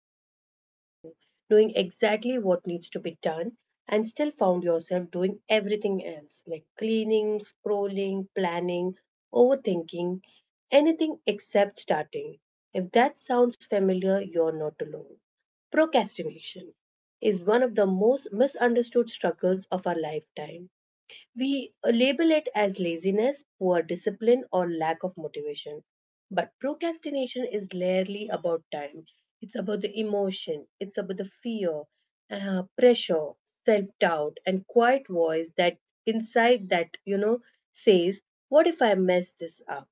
right in front of you, knowing exactly what needs to be done, and still found yourself doing everything else, like cleaning, scrolling, planning, overthinking, anything except starting? If that sounds familiar, you're not alone. Procrastination is one of the most misunderstood struggles of our lifetime. We label it as laziness, poor discipline, or lack of motivation. But procrastination is rarely about time. It's about the emotion, it's about the fear, pressure, self doubt, and quiet voice that inside that, says, what if I mess this up?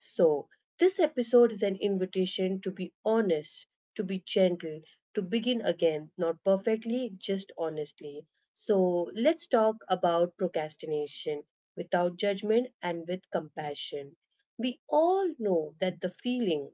So, this episode is an invitation to be honest, to be gentle, to begin again, not perfectly, just honestly. So, let's talk about procrastination without judgment and with compassion. We all know that the feeling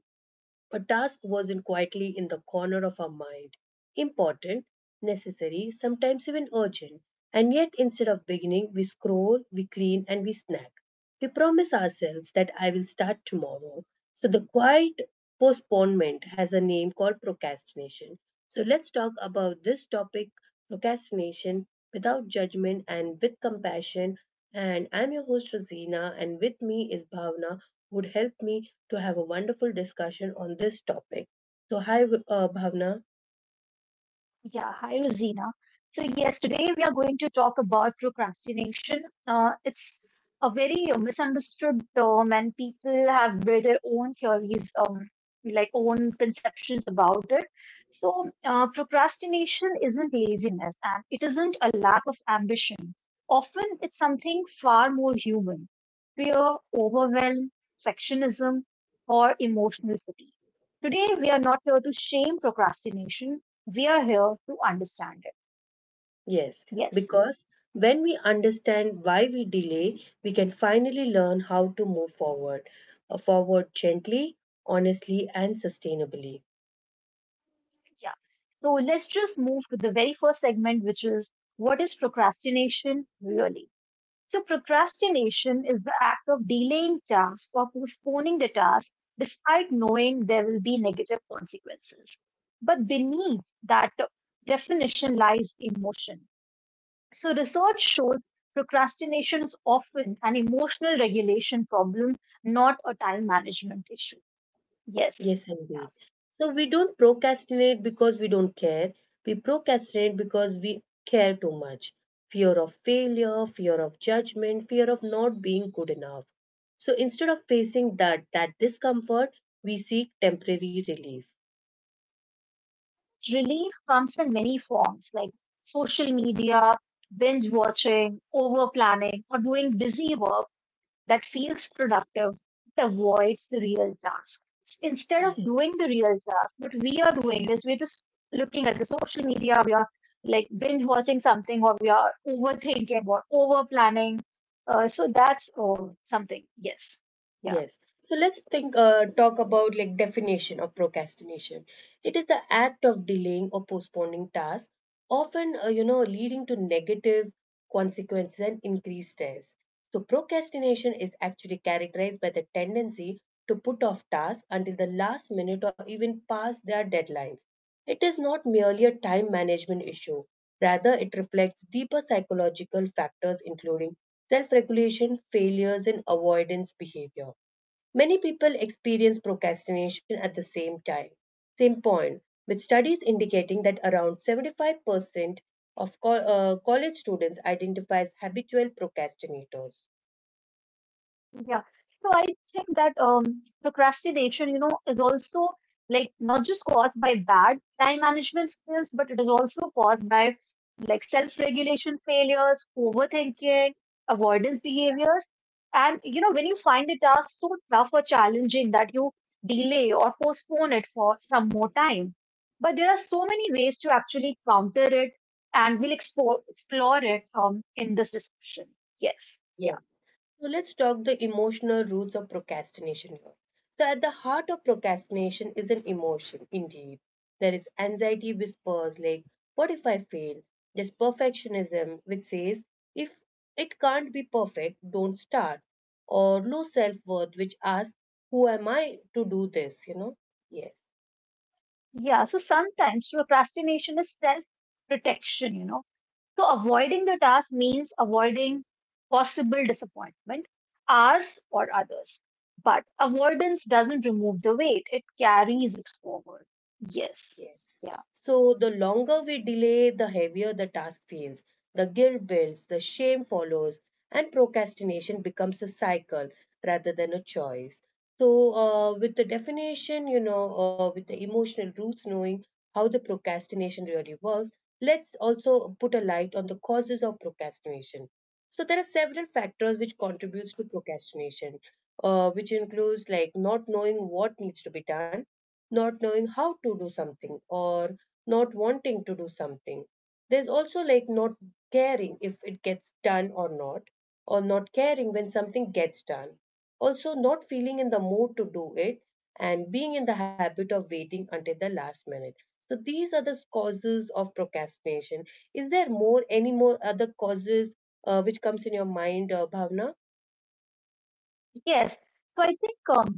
a task wasn't quietly in the corner of our mind. Important, necessary, sometimes even urgent. And yet, instead of beginning, we scroll, we clean, and we snack. We promise ourselves that I will start tomorrow. So, the quiet postponement has a name called procrastination. So, let's talk about this topic procrastination without judgment and with compassion. And I'm your host, Rosina, and with me is Bhavna, who would help me to have a wonderful discussion on this topic. So, hi, Bhavna. Yeah, hi Rosina. So yes, today we are going to talk about procrastination. It's a very misunderstood term, and people have built their own theories, like own conceptions about it. So procrastination isn't laziness, and it isn't a lack of ambition. Often, it's something far more human: fear, overwhelm, perfectionism, or emotional fatigue. Today, we are not here to shame procrastination. We are here to understand it. Yes, Yes. because when we understand why we delay, we can finally learn how to move forward gently, honestly, and sustainably. Yeah. So let's just move to the very first segment, which is, what is procrastination really? Procrastination is the act of delaying tasks or postponing the task despite knowing there will be negative consequences. But beneath that definition lies emotion. So research shows procrastination is often an emotional regulation problem, not a time management issue. Yes. Yes, indeed. So we don't procrastinate because we don't care. We procrastinate because we care too much. Fear of failure, fear of judgment, fear of not being good enough. So instead of facing that discomfort, we seek temporary relief. Relief comes in many forms like social media, binge watching, over planning, or doing busy work that feels productive but avoids the real task. So instead of Yes. doing the real task, what we are doing is we're just looking at the social media, we are like binge watching something, or we are overthinking or over planning. So that's, oh, something, yes. Yeah. Yes. So let's talk about like definition of procrastination. It is the act of delaying or postponing tasks, often leading to negative consequences and increased stress. So procrastination is actually characterized by the tendency to put off tasks until the last minute or even past their deadlines. It is not merely a time management issue. Rather, it reflects deeper psychological factors including self-regulation, failures, and avoidance behavior. Many people experience procrastination at the same time, same point, with studies indicating that around 75% of college students identify as habitual procrastinators. Yeah. So I think that procrastination, is also like not just caused by bad time management skills, but it is also caused by like self-regulation failures, overthinking, avoidance behaviors. And, when you find a task so tough or challenging that you delay or postpone it for some more time. But there are so many ways to actually counter it, and we'll explore it in this discussion. Yes. Yeah. Yes. So let's talk the emotional roots of procrastination here. So at the heart of procrastination is an emotion, indeed. There is anxiety whispers like, what if I fail? There's perfectionism which says, if it can't be perfect, don't start. Or low self worth which asks, who am I to do this? Yes. Yeah, so sometimes procrastination is self protection. So avoiding the task means avoiding possible disappointment, ours or others. But avoidance doesn't remove the weight, it carries it forward. Yes. Yes. Yeah. So the longer we delay, the heavier the task feels. The guilt builds, the shame follows, and procrastination becomes a cycle rather than a choice. So, with the definition, with the emotional roots, knowing how the procrastination really works, let's also put a light on the causes of procrastination. So, there are several factors which contributes to procrastination, which includes like not knowing what needs to be done not knowing how to do something or not wanting to do something. There's also like not caring if it gets done or not caring when something gets done. Also, not feeling in the mood to do it and being in the habit of waiting until the last minute. So, these are the causes of procrastination. Is there more, any more other causes which comes in your mind, Bhavna? Yes. So I think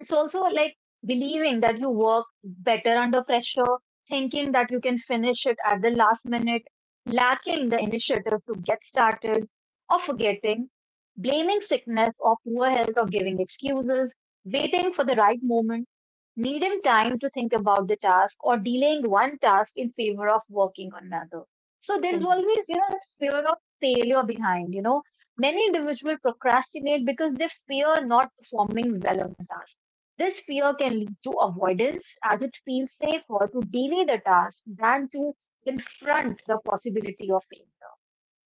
it's also like believing that you work better under pressure, thinking that you can finish it at the last minute, lacking the initiative to get started, or forgetting, blaming sickness or poor health or giving excuses, waiting for the right moment, needing time to think about the task, or delaying one task in favor of working on another. So there's Mhm. always, fear of failure behind. Many individuals procrastinate because they fear not performing well on a task. This fear can lead to avoidance, as it feels safer to delay the task than to confront the possibility of failure.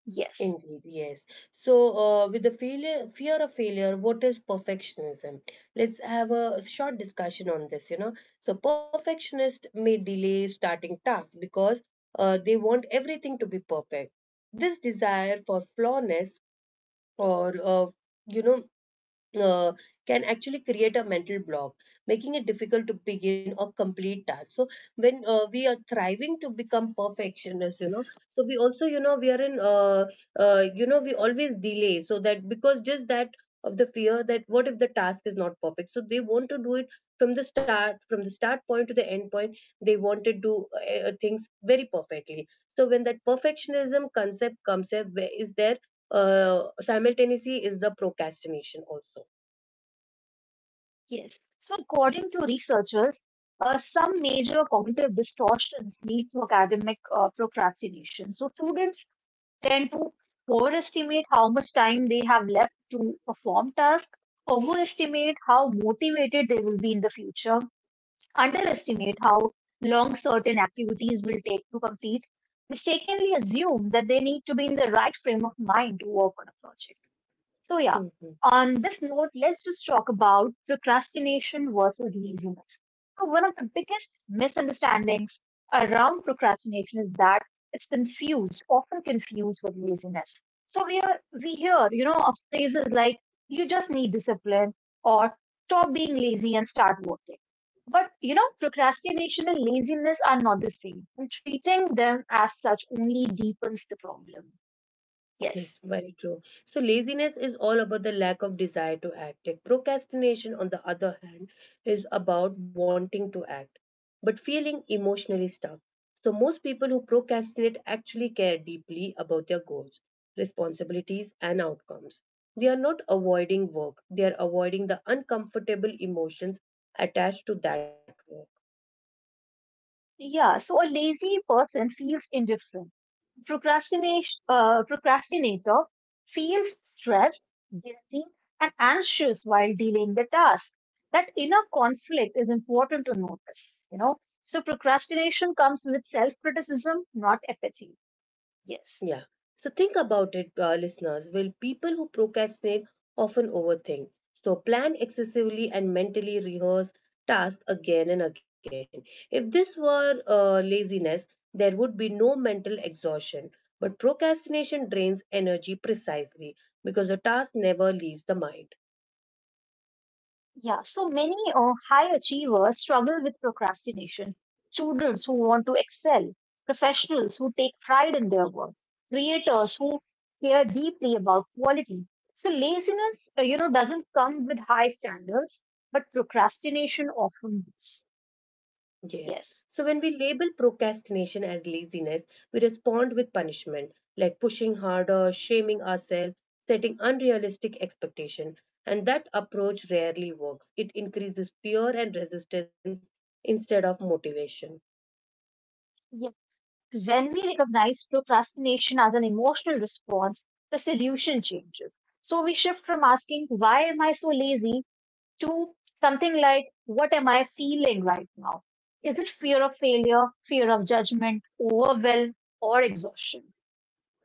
Yes. Indeed, yes. So, with the failure, fear of failure, what is perfectionism? Let's have a short discussion on this. So, perfectionists may delay starting tasks because they want everything to be perfect. This desire for flawness or, uh, you know, uh, can actually create a mental block, making it difficult to begin or complete tasks. So when we are thriving to become perfectionists, so we also, we are in, you know, we always delay so that because just that of the fear that what if the task is not perfect, so they want to do it from the start point to the end point. They want to do things very perfectly. So when that perfectionism concept comes up, where is there? Simultaneously is the procrastination also. Yes. So, according to researchers, some major cognitive distortions lead to academic procrastination. So students tend to overestimate how much time they have left to perform tasks, overestimate how motivated they will be in the future, underestimate how long certain activities will take to complete, mistakenly assume that they need to be in the right frame of mind to work on a project. So, yeah, Hmm. on this note, let's just talk about procrastination versus laziness. So one of the biggest misunderstandings around procrastination is that it's confused, often confused, with laziness. So we hear, of phrases like, you just need discipline, or stop being lazy and start working. But you know, procrastination and laziness are not the same, and treating them as such only deepens the problem. Yes. Yes, very true. So, laziness is all about the lack of desire to act. If procrastination, on the other hand, is about wanting to act but feeling emotionally stuck. So, most people who procrastinate actually care deeply about their goals, responsibilities, and outcomes. They are not avoiding work, they are avoiding the uncomfortable emotions attached to that work. Yeah, so a lazy person feels indifferent. Procrastination, procrastinator feels stressed, guilty, and anxious while dealing the task. That inner conflict is important to notice. So procrastination comes with self-criticism, not apathy. Yes. Yeah. So think about it, listeners. Will people who procrastinate often overthink? So plan excessively and mentally rehearse tasks again and again. If this were laziness, there would be no mental exhaustion. But procrastination drains energy precisely because the task never leaves the mind. Yeah, so many high achievers struggle with procrastination. Students who want to excel, professionals who take pride in their work, creators who care deeply about quality. So laziness, doesn't come with high standards, but procrastination often does. Yes. So when Yes. we label procrastination as laziness, we respond with punishment, like pushing harder, shaming ourselves, setting unrealistic expectation. And that approach rarely works. It increases fear and resistance instead of motivation. Yes. When we recognize procrastination as an emotional response, the solution changes. So we shift from asking, "Why am I so lazy?" to something like, "What am I feeling right now? Is it fear of failure, fear of judgment, overwhelm, or exhaustion?"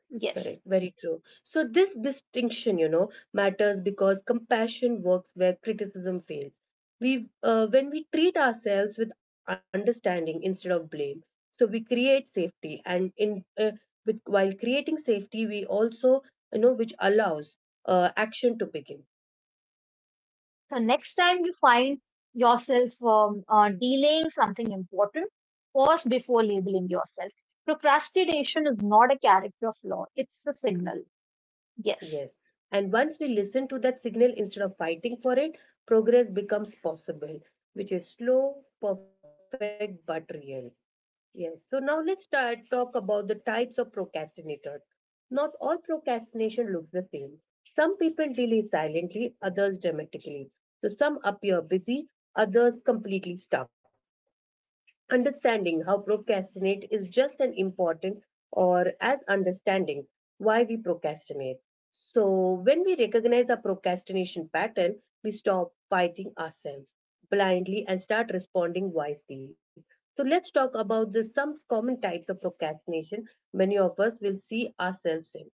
Correct, Yes. very true. So, this distinction, matters because compassion works where criticism fails. When we treat ourselves with understanding instead of blame, so we create safety, and while creating safety, we also, which allows action to begin. So next time you find yourself delaying something important, pause before labeling yourself. Procrastination is not a character flaw; it's a signal. Yes. Yes, and once we listen to that signal instead of fighting for it, progress becomes possible, which is slow, perfect, but real. Yes. So now let's start talk about the types of procrastinators. Not all procrastination looks the same. Some people delay silently, others dramatically. So some appear busy, others completely stuck understanding how procrastinate is just as important or as understanding why we procrastinate. So, when we recognize our procrastination pattern, we stop fighting ourselves blindly and start responding wisely. So, let's talk about the some common types of procrastination many of us will see ourselves in.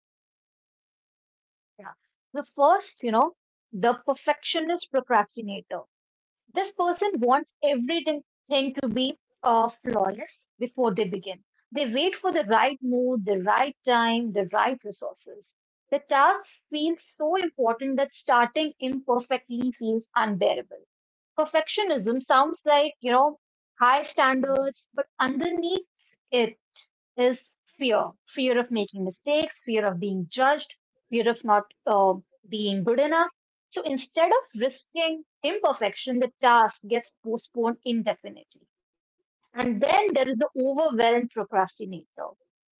Yeah. The first, the perfectionist procrastinator. This person wants everything to be flawless before they begin. They wait for the right mood, the right time, the right resources. The tasks feel so important that starting imperfectly feels unbearable. Perfectionism sounds like, high standards, but underneath it is fear fear, of making mistakes, fear of being judged, fear of not being good enough. So instead of risking imperfection, the task gets postponed indefinitely. And then there is the overwhelmed procrastinator.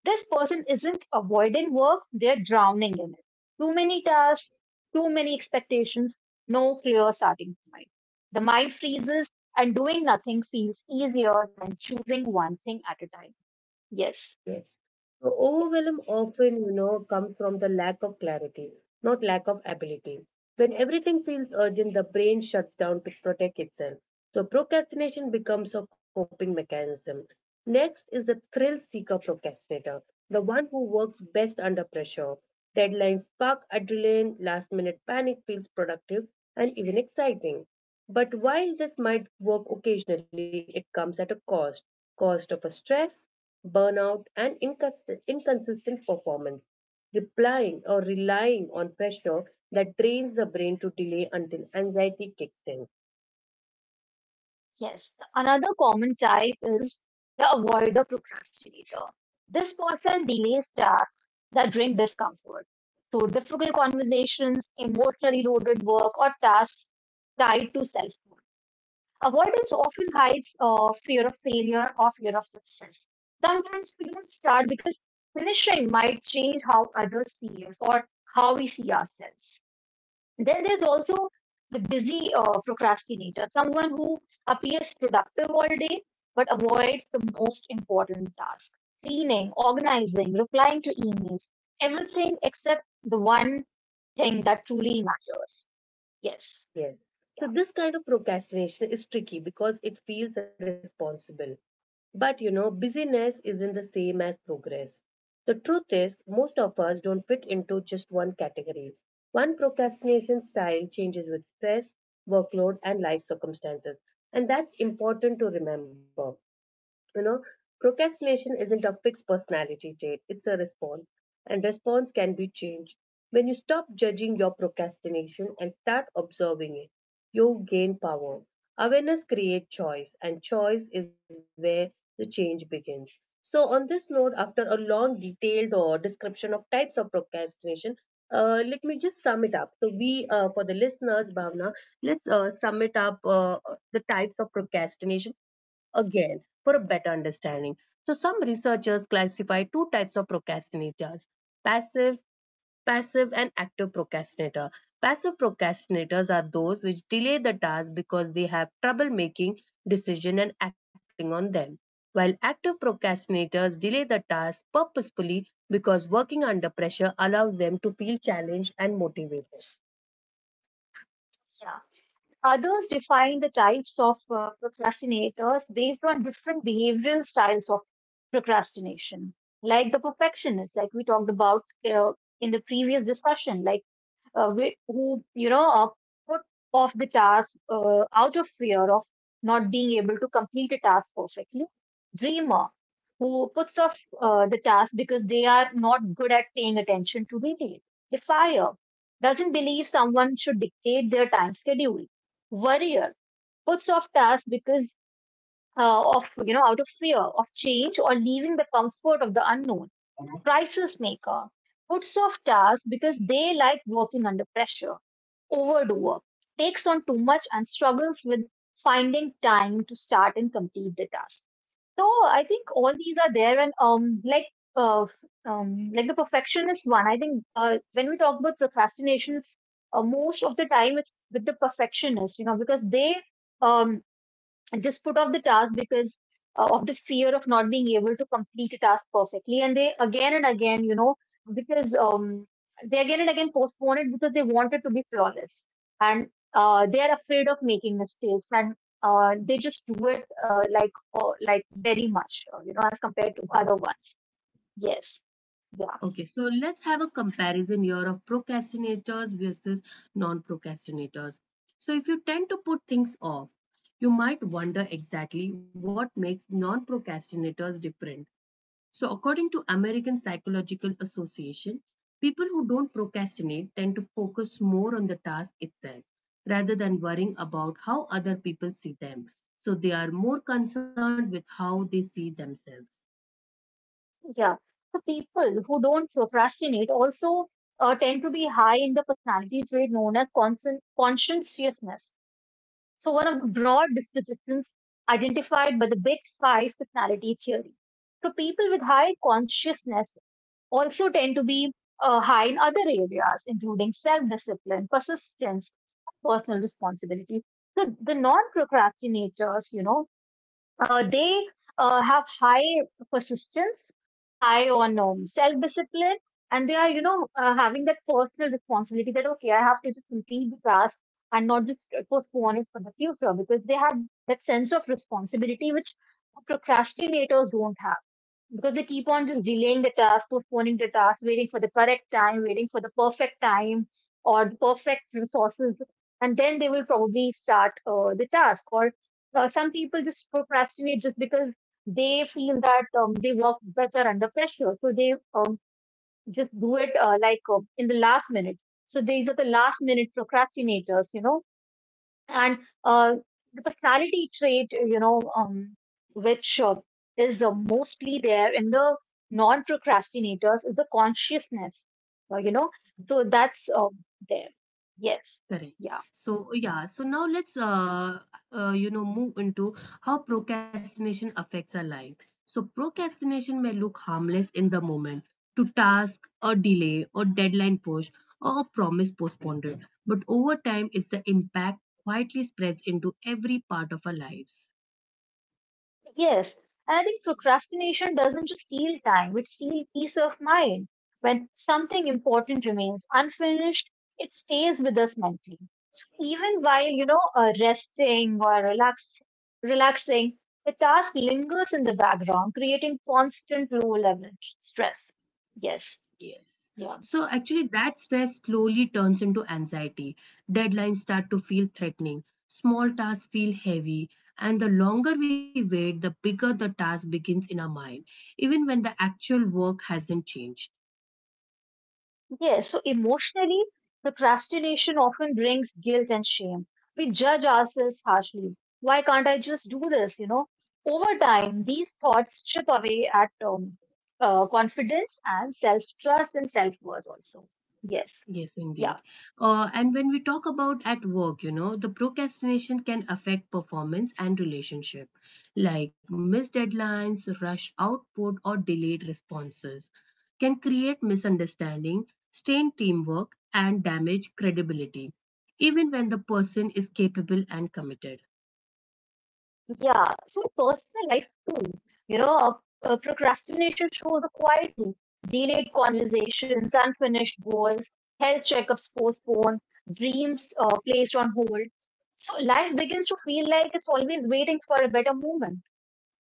This person isn't avoiding work, they're drowning in it. Too many tasks, too many expectations, no clear starting point. The mind freezes, and doing nothing feels easier than choosing one thing at a time. Yes, Yes. So yes. overwhelm often, comes from the lack of clarity, not lack of ability. When everything feels urgent, the brain shuts down to protect itself. So procrastination becomes a coping mechanism. Next is the thrill seeker procrastinator, the one who works best under pressure. Deadlines spark adrenaline, last minute panic feels productive and even exciting. But while this might work occasionally, it comes at a cost of a stress burnout, and inconsistent performance, replying or relying on pressure that trains the brain to delay until anxiety kicks in. Yes, another common type is the avoider procrastinator. This person delays tasks that bring discomfort. So, difficult conversations, emotionally loaded work, or tasks tied to self worth. Avoidance often hides fear of failure or fear of success. Sometimes we don't start because finishing might change how others see us or how we see ourselves. Then there's also the busy procrastinator, someone who appears productive all day but avoids the most important task: cleaning, organizing, replying to emails, everything except the one thing that truly matters. Yes, Yes. yeah, So, this kind of procrastination is tricky because it feels responsible. But busyness isn't the same as progress. The truth is, most of us don't fit into just one category. One procrastination style changes with stress, workload, and life circumstances. And that's important to remember. You know, Procrastination isn't a fixed personality trait, it's a response, and response can be changed. When you stop judging your procrastination and start observing it, you gain power. Awareness creates choice, and choice is where the change begins. So, on this note, after a long, detailed description of types of procrastination, let me just sum it up. So, for the listeners, Bhavna, let's sum it up the types of procrastination again for a better understanding. So some researchers classify two types of procrastinators, passive, passive and active procrastinator. Passive procrastinators are those which delay the task because they have trouble making decision and acting on them. While active procrastinators delay the task purposefully because working under pressure allows them to feel challenged and motivated. yeah. Others define the types of procrastinators based on different behavioral styles of procrastination, like the perfectionist, like we talked about uh, in the previous discussion, like who, put off the task out of fear of not being able to complete a task perfectly; dreamer, who puts off the task because they are not good at paying attention to detail; defier, doesn't believe someone should dictate their time schedule; worrier, puts off tasks because of, out of fear of change or leaving the comfort of the unknown; crisis maker, puts off tasks because they like working under pressure; overdoer, takes on too much and struggles with finding time to start and complete the task. So I think all these are there, and uh, like the perfectionist one. I think when we talk about procrastinations, most of the time it's with the perfectionists, because they um just put off the task because of the fear of not being able to complete a task perfectly. And they again and again, because they again and again postpone it because they want it to be flawless. And they are afraid of making mistakes, and they just do it like very much, as compared to other ones. Yes. Yeah. Okay, so let's have a comparison here of procrastinators versus non procrastinators. So, if you tend to put things off, you might wonder exactly what makes non procrastinators different. So, according to American Psychological Association, people who don't procrastinate tend to focus more on the task itself rather than worrying about how other people see them. So, they are more concerned with how they see themselves. Yeah. So people who don't procrastinate also tend to be high in the personality trait known as conscientiousness. So, one of the broad dispositions identified by the Big Five personality theory. So, people with high consciousness also tend to be high in other areas, including self discipline, persistence, personal responsibility. So, the non procrastinators, they have high persistence, high on self-discipline, and they are, having that personal responsibility that, okay, I have to just complete the task and not just postpone it for the future, because they have that sense of responsibility which procrastinators don't have, because they keep on just delaying the task, postponing the task, waiting for the correct time, waiting for the perfect time or the perfect resources, and then they will probably start the task. Or some people just procrastinate just because they feel that they work better under pressure, so they just do it like in the last minute. So these are the last minute procrastinators, and uh, the personality trait, which is mostly there in the non-procrastinators is the consciousness, uh, you know, so that's there. Yes, Correct. yeah. So, yeah, so now let's move into how procrastination affects our life. So, procrastination may look harmless in the moment to task or delay or deadline push or a promise postponed. But over time, it's the impact quietly spreads into every part of our lives. Yes, and I think procrastination doesn't just steal time, it steals peace of mind. When something important remains unfinished, it stays with us mentally. So even while, resting or relaxing, the task lingers in the background, creating constant low level stress. Yes, Yes. yeah. So actually, that stress slowly turns into anxiety. Deadlines start to feel threatening, small tasks feel heavy, and the longer we wait, the bigger the task begins in our mind, even when the actual work hasn't changed. Yeah, so emotionally, procrastination often brings guilt and shame. We judge ourselves harshly. Why can't I just do this? You know, over time, these thoughts chip away at confidence and self trust and self worth, also. Yes. Yes, Yeah. indeed. And when we talk about at work, the procrastination can affect performance and relationship, like missed deadlines, rush output, or delayed responses, can create misunderstanding, strain teamwork, and damage credibility, even when the person is capable and committed. Yeah. So, personal life, too. You know, uh, procrastination shows up quietly. Delayed conversations, unfinished goals, health checkups postponed, dreams placed on hold. So life begins to feel like it's always waiting for a better moment.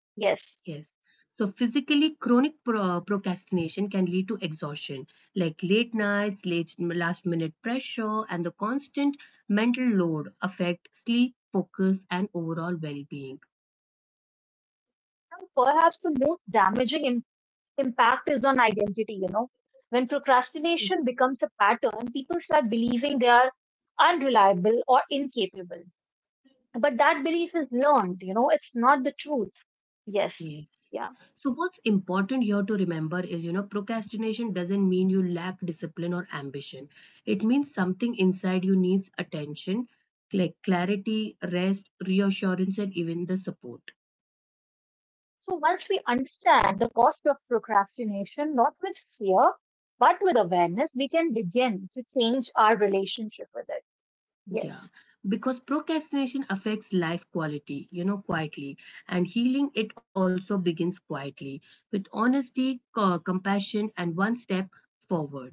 Yes. Yes. So physically, chronic procrastination can lead to exhaustion, like late nights, late last minute pressure, and the constant mental load affect sleep, focus, and overall well-being. And perhaps the most damaging impact is on identity. When procrastination becomes a pattern, people start believing they are unreliable or incapable. But that belief is learned, it's not the truth. Yes. Yes. Yeah. So what's important here to remember is, procrastination doesn't mean you lack discipline or ambition. It means something inside you needs attention, like clarity, rest, reassurance, and even the support. So once we understand the cost of procrastination, not with fear, but with awareness, we can begin to change our relationship with it. Yeah, Yes. because procrastination affects life quality, quietly, and healing it also begins quietly with honesty, compassion, and one step forward.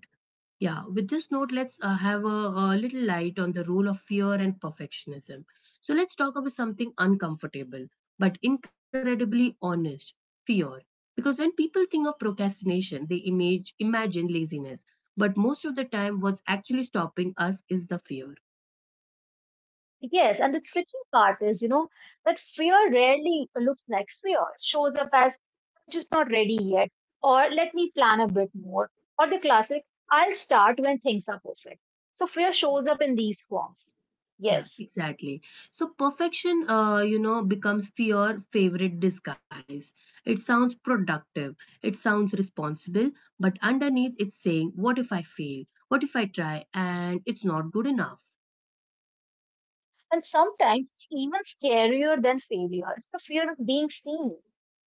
Yeah, with this note, let's have a little light on the role of fear and perfectionism. So, let's talk about something uncomfortable but incredibly honest fear. Because when people think of procrastination, they imagine laziness. But most of the time, what's actually stopping us is the fear. Yes, and the tricky part is, that fear rarely looks like fear. It shows up as I'm just not ready yet, or let me plan a bit more, or the classic, I'll start when things are perfect. So fear shows up in these forms. Yeah, Yes. exactly. So perfection, becomes your favorite disguise. It sounds productive, it sounds responsible, but underneath it's saying, what if I fail? What if I try and it's not good enough? And sometimes it's even scarier than failure. It's the fear of being seen.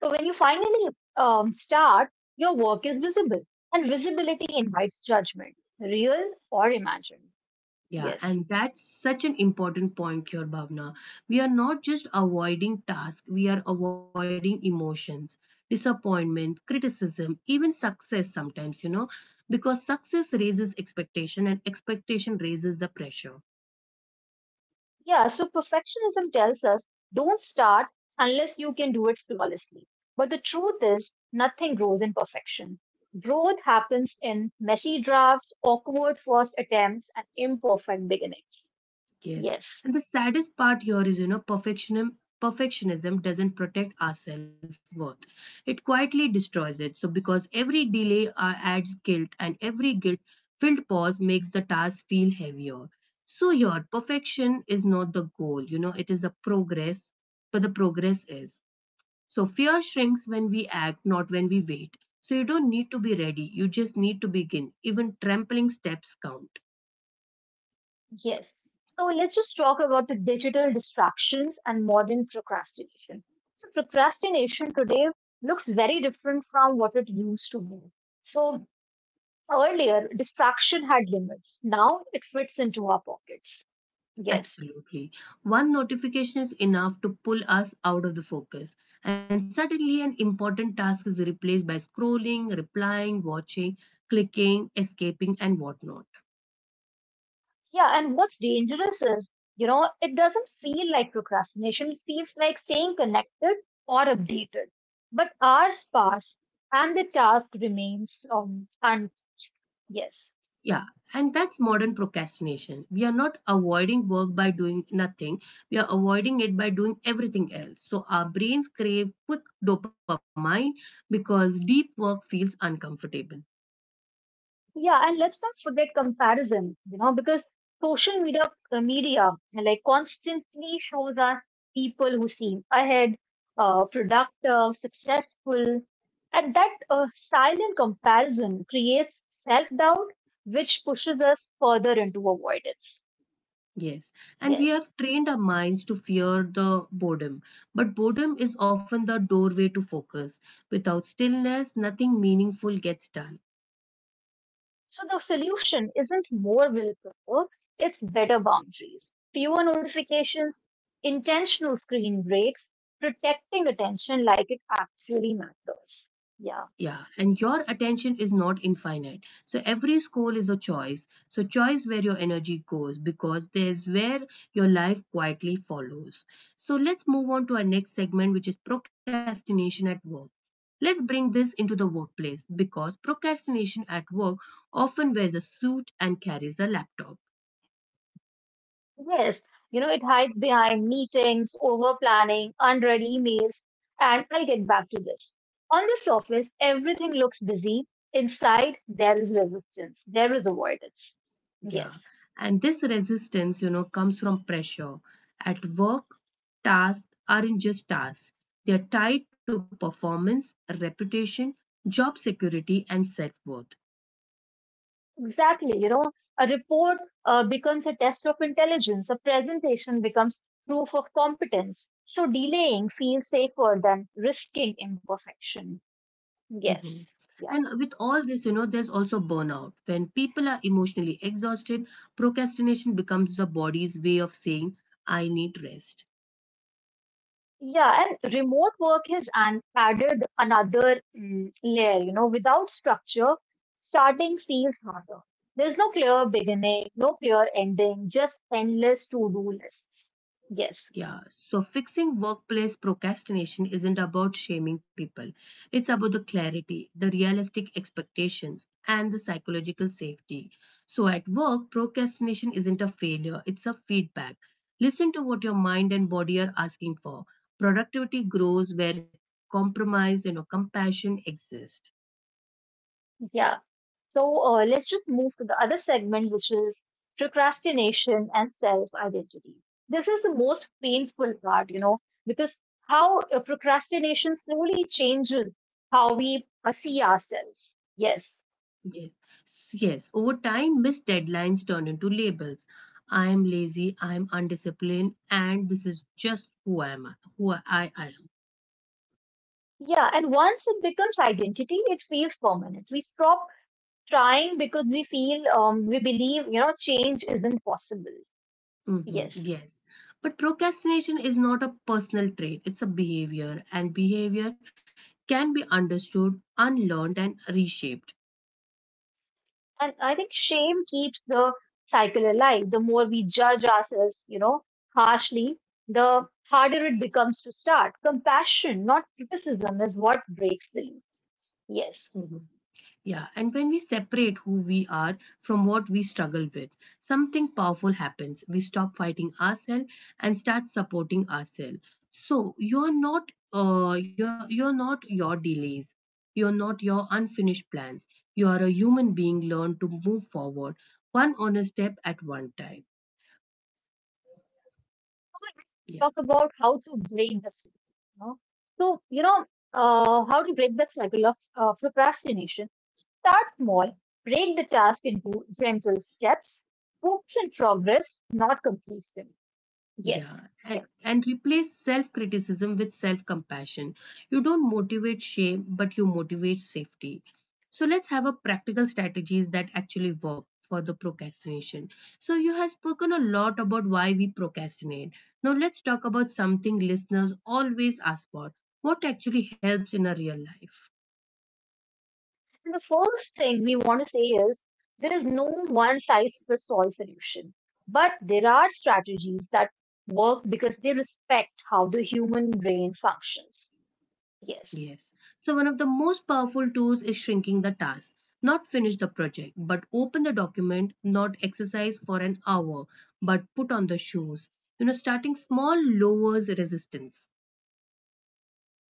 So when you finally start, your work is visible, and visibility invites judgment, real or imagined. Yeah, Yes. and that's such an important point here, Bhavna. We are not just avoiding tasks, we are avoiding emotions, disappointment, criticism, even success sometimes, because success raises expectation and expectation raises the pressure. Yeah, so perfectionism tells us don't start unless you can do it flawlessly. But the truth is, nothing grows in perfection. Growth happens in messy drafts, awkward first attempts, and imperfect beginnings. Yes. Yes, And the saddest part here is, perfectionism doesn't protect our self-worth. It quietly destroys it. So because every delay adds guilt and every guilt-filled pause makes the task feel heavier. So your perfection is not the goal, it is the progress, but the progress is. So fear shrinks when we act, not when we wait. So you don't need to be ready, you just need to begin. Even trampling steps count. yes. So let's just talk about the digital distractions and modern procrastination. So, procrastination today looks very different from what it used to be. So, earlier, distraction had limits. Now it fits into our pockets. Yes. Absolutely. One notification is enough to pull us out of the focus, and suddenly an important task is replaced by scrolling, replying, watching, clicking, escaping, and whatnot. Yeah. And what's dangerous is, it doesn't feel like procrastination. It feels like staying connected or updated. But hours pass and the task remains , and yes. Yeah, and that's modern procrastination. We are not avoiding work by doing nothing, we are avoiding it by doing everything else. So our brains crave quick dopamine because deep work feels uncomfortable. Yeah. And let's not forget comparison, because social media like constantly shows us people who seem ahead, productive, successful, and that silent comparison creates self doubt, which pushes us further into avoidance. Yes, and we Yes. have trained our minds to fear the boredom, but boredom is often the doorway to focus. Without stillness, nothing meaningful gets done. So the solution isn't more willpower, it's better boundaries, fewer notifications, intentional screen breaks, protecting attention like it actually matters. Yeah. Yeah, and your attention is not infinite. So every school is a choice. So choice where your energy goes because there's where your life quietly follows. So let's move on to our next segment, which is procrastination at work. Let's bring this into the workplace because procrastination at work often wears a suit and carries a laptop. Yes, it hides behind meetings, over planning, unread emails, and I'll get back to this. On the surface, everything looks busy. Inside, there is resistance, there is avoidance. Yeah. Yes, And this resistance, comes from pressure. At work, tasks aren't just tasks, they are tied to performance, reputation, job security, and self worth. exactly. A report becomes a test of intelligence, a presentation becomes proof of competence. So delaying feels safer than risking imperfection. Mhm. Yes. Yeah. And with all this, there's also burnout. When people are emotionally exhausted, procrastination becomes the body's way of saying, I need rest. Yeah, and remote work has an added another layer, without structure, starting feels harder. There's no clear beginning, no clear ending, just endless to-do lists. Yes, Yeah, so fixing workplace procrastination isn't about shaming people. It's about the clarity, the realistic expectations, and the psychological safety. So at work, procrastination isn't a failure, it's a feedback. Listen to what your mind and body are asking for. Productivity grows where compromise and compassion exist. yeah. So let's just move to the other segment, which is procrastination and self-identity. This is the most painful part, because how procrastination slowly changes how we see ourselves. Yes. Yes. Yes. Over time, missed deadlines turn into labels. I am lazy, I am undisciplined, and this is just who I am. Yeah, and once it becomes identity, it feels permanent. We stop trying because we feel, we believe, change isn't possible. Hmm. Yes. Yes. But procrastination is not a personal trait, it's a behavior, and behavior can be understood, unlearned, and reshaped. And I think shame keeps the cycle alive. The more we judge ourselves, harshly, the harder it becomes to start. Compassion, not criticism, is what breaks the loop. Yes. Mm-hmm. Yeah, and when we separate who we are from what we struggle with, something powerful happens. We stop fighting ourselves and start supporting ourselves. So you're not you're you're not your delays. You're not your unfinished plans. You are a human being learned to move forward one honest step at one time. Talk about how to break the cycle. You know? So, how to break the cycle of procrastination. Start small, break the task into gentle steps, focus on progress, not completion. Yeah, Yes, and, yeah. and replace self criticism with self compassion. You don't motivate shame, but you motivate safety. So let's have a practical strategies that actually work for the procrastination. So you have spoken a lot about why we procrastinate. Now let's talk about something listeners always ask for. What actually helps in a real life? And the first thing we want to say is there is no one size fits all solution, but there are strategies that work because they respect how the human brain functions. Yes. Yes. So one of the most powerful tools is shrinking the task. Not finish the project, but open the document, not exercise for an hour, but put on the shoes. You know, starting small lowers resistance.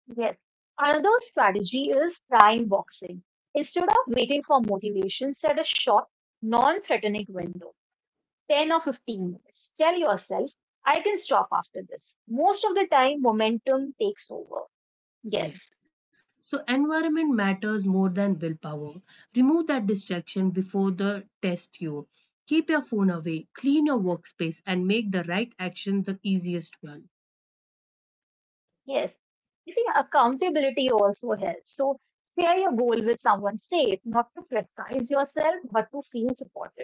Yes. Another strategy is trying boxing. Instead of waiting for motivation, set a short, non threatening window 10 or 15 minutes. Tell yourself, I can stop after this. Most of the time, momentum takes over. Yes, Yes. So environment matters more than willpower. Remove that distraction before the test you. Keep your phone away, clean your workspace, and make the right action the easiest one. yes. I think accountability also helps. So, share your goal with someone safe, not to criticize yourself, but to feel supported.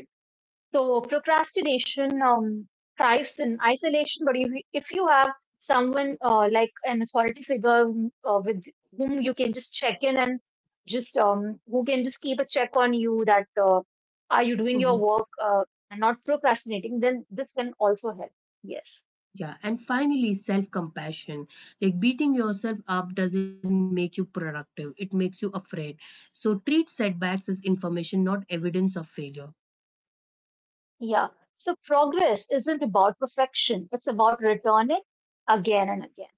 So procrastination thrives in isolation, but if you have someone like an authority figure with whom you can just check in and just who can just keep a check on you that are you doing your work and not procrastinating, then this can also help. Yes. Yeah, and finally, self compassion. Like beating yourself up doesn't make you productive, it makes you afraid. So, treat setbacks as information, not evidence of failure. Yeah. So progress isn't about perfection. It's about returning again and again.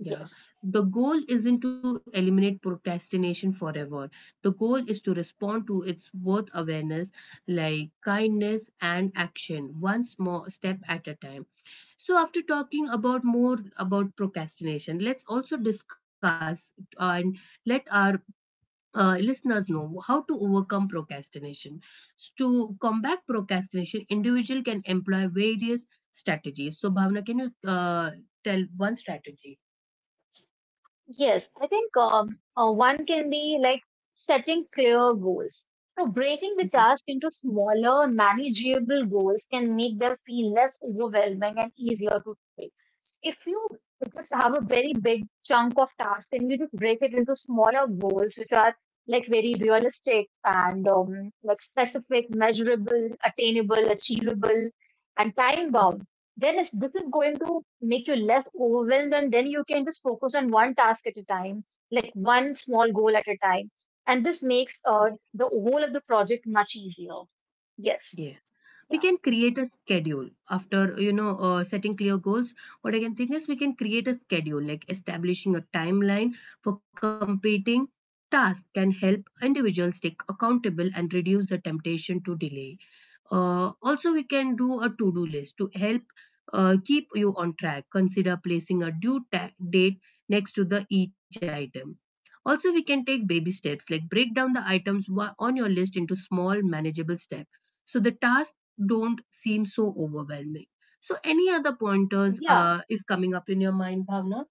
Yeah, Yes. the goal isn't to eliminate procrastination forever. The goal is to respond to its worth awareness, like kindness and action, one small step at a time. So, after talking about more about procrastination, let's also discuss and let our listeners know how to overcome procrastination. To combat procrastination, individual can employ various strategies. So, Bhavna, can you tell one strategy? Yes, I think one can be like setting clear goals. So breaking the task into smaller, manageable goals can make them feel less overwhelming and easier to take. So, if you just have a very big chunk of task and you just break it into smaller goals, which are like very realistic and like specific, measurable, attainable, achievable, and time bound. This is going to make you less overwhelmed, and then you can just focus on one task at a time, like one small goal at a time. And this makes the whole of the project much easier. Yes. Yes. We can Yeah. create a schedule after, setting clear goals. What I can think is we can create a schedule, like establishing a timeline for competing tasks can help individuals stay accountable and reduce the temptation to delay. Also, we can do a to-do list to help keep you on track. Consider placing a date next to the each item. Also, we can take baby steps, like break down the on your list into small, manageable steps, so the tasks don't seem so overwhelming. So any other pointers Yeah. Is coming up in your mind, Bhavna?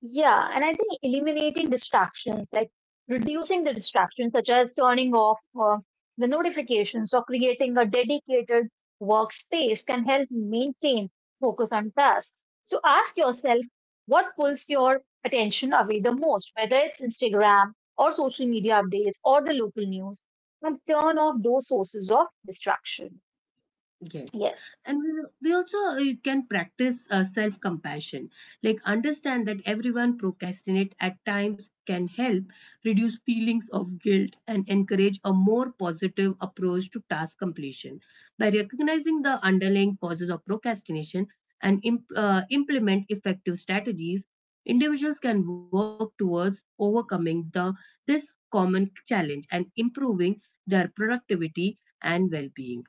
Yeah, and I think eliminating distractions, like reducing the distractions, such as turning off the notifications or creating a dedicated workspace, can help maintain focus on tasks. So ask yourself what pulls your attention away the most, whether it's Instagram or social media updates or the local news, and turn off those sources of distraction. Yes, Yes. and we also you can practice self compassion, like understand that everyone procrastinate at times can help reduce feelings of guilt and encourage a more positive approach to task completion. By recognizing the underlying causes of procrastination and implement effective strategies, individuals can work towards overcoming the this common challenge and improving their productivity and well-being.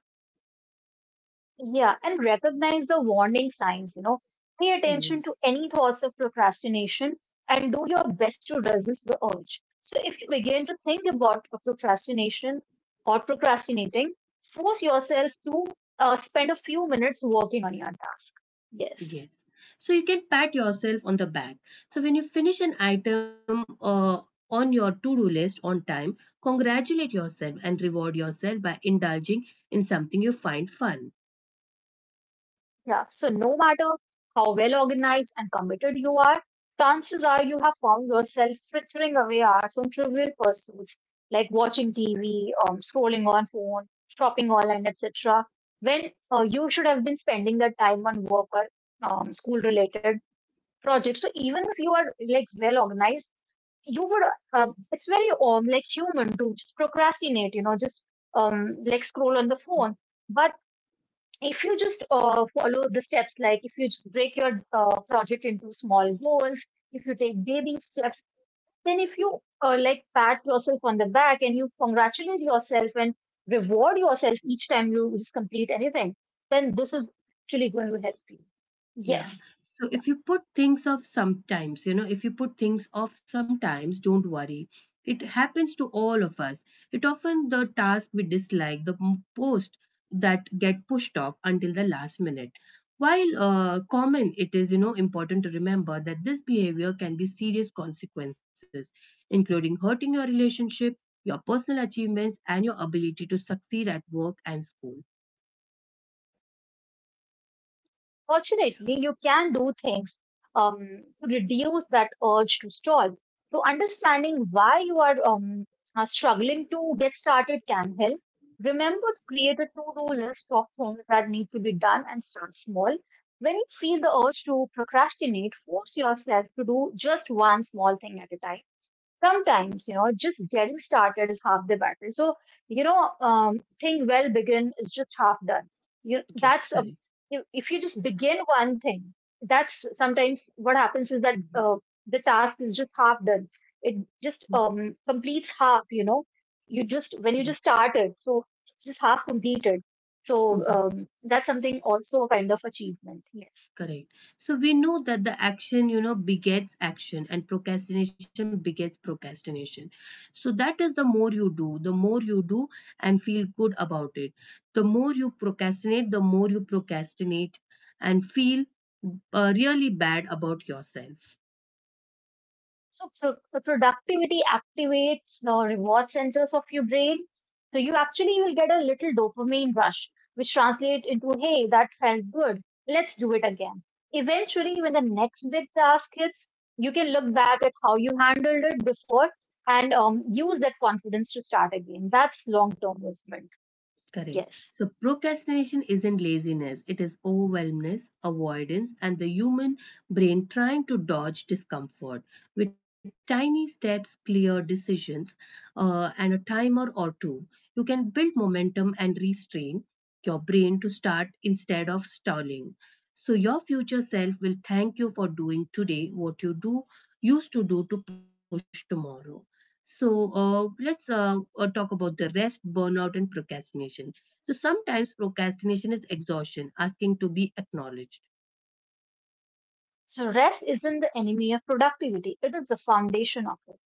Yeah, and recognize the warning signs, you know. Pay attention to Yes. any thoughts of procrastination and do your best to resist the urge. So if you begin to think about a procrastination or procrastinating, force yourself to spend a few minutes working on your task. Yes. Yes. So you can pat yourself on the back. So when you finish an item on your to do list on time, congratulate yourself and reward yourself by indulging in something you find fun. Yeah, so no matter how well organized and committed you are, chances are you have found yourself frittering away hours on trivial pursuits like watching TV, scrolling on phone, shopping online, etc., when you should have been spending that time on work or school-related projects. So even if you are like well organized, you would. It's very like human to just procrastinate. You know, just like scroll on the phone. But if you just follow the steps, like if you just break your project into small goals, if you take baby steps, then if you like pat yourself on the back and you congratulate yourself and reward yourself each time you just complete anything, then this is actually going to help you. Yeah. Yes. So Yeah. if you put things off sometimes, you know, if you put things off sometimes, don't worry. It happens to all of us. It often the task we dislike, the post that get pushed off until the last minute. While common, it is you know important to remember that this behavior can be serious consequences, including hurting your relationship, your personal achievements, and your ability to succeed at work and school. Fortunately, you can do things um, to reduce that urge to stall. So, understanding why you are struggling to get started can help. Remember to create a to do list of things that need to be done and start small. When you feel the urge to procrastinate, force yourself to do just one small thing at a time. Sometimes, you know, just getting started is half the battle. So, you know, thing well begin is just half done. you Yes, that's a, correct. if you just begin one thing, that's sometimes what happens, is that Mhm. The task is just half done. It just completes half, you know, you just when you Correct. just started. So it's just half completed. So Mhm. um that's something also a kind of achievement. Yes. Correct. So we know that the action, begets action and procrastination begets procrastination. So that is the more you do, the more you do and feel good about it. The more you procrastinate, the more you procrastinate and feel really bad about yourself. So, productivity activates the reward centers of your brain. So you actually will get a little dopamine rush, which translates into, hey, that felt good. Let's do it again. Eventually, when the next big task hits, you can look back at how you handled it before and use that confidence to start again. That's long-term movement. Correct. Yes. So procrastination isn't laziness, it is overwhelmness, avoidance, and the human brain trying to dodge discomfort. With tiny steps, clear decisions, and a timer or two, you can build momentum and restrain your brain to start instead of stalling. So your future self will thank you for doing today what you do used to do to push tomorrow. So let's talk about the rest, burnout, and procrastination. So sometimes procrastination is exhaustion asking to be acknowledged. So rest isn't the enemy of productivity. It is the foundation of it.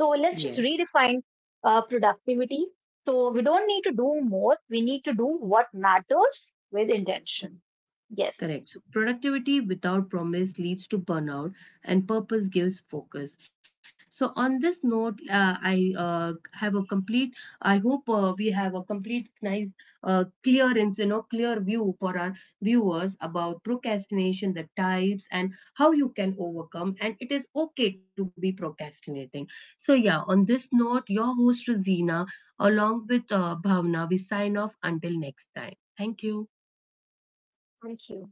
So let's Yes. just redefine productivity. So we don't need to do more. We need to do what matters with intention. Yes. Correct. So productivity without promise leads to burnout, and purpose gives focus. So on this note, I have a complete. I hope we have a complete, nice, clearance, you know, clear view for our viewers about procrastination, the types, and how you can overcome. And it is okay to be procrastinating. So yeah, on this note, your host Rosina, along with Bhavna, we sign off until next time. Thank you. Thank you.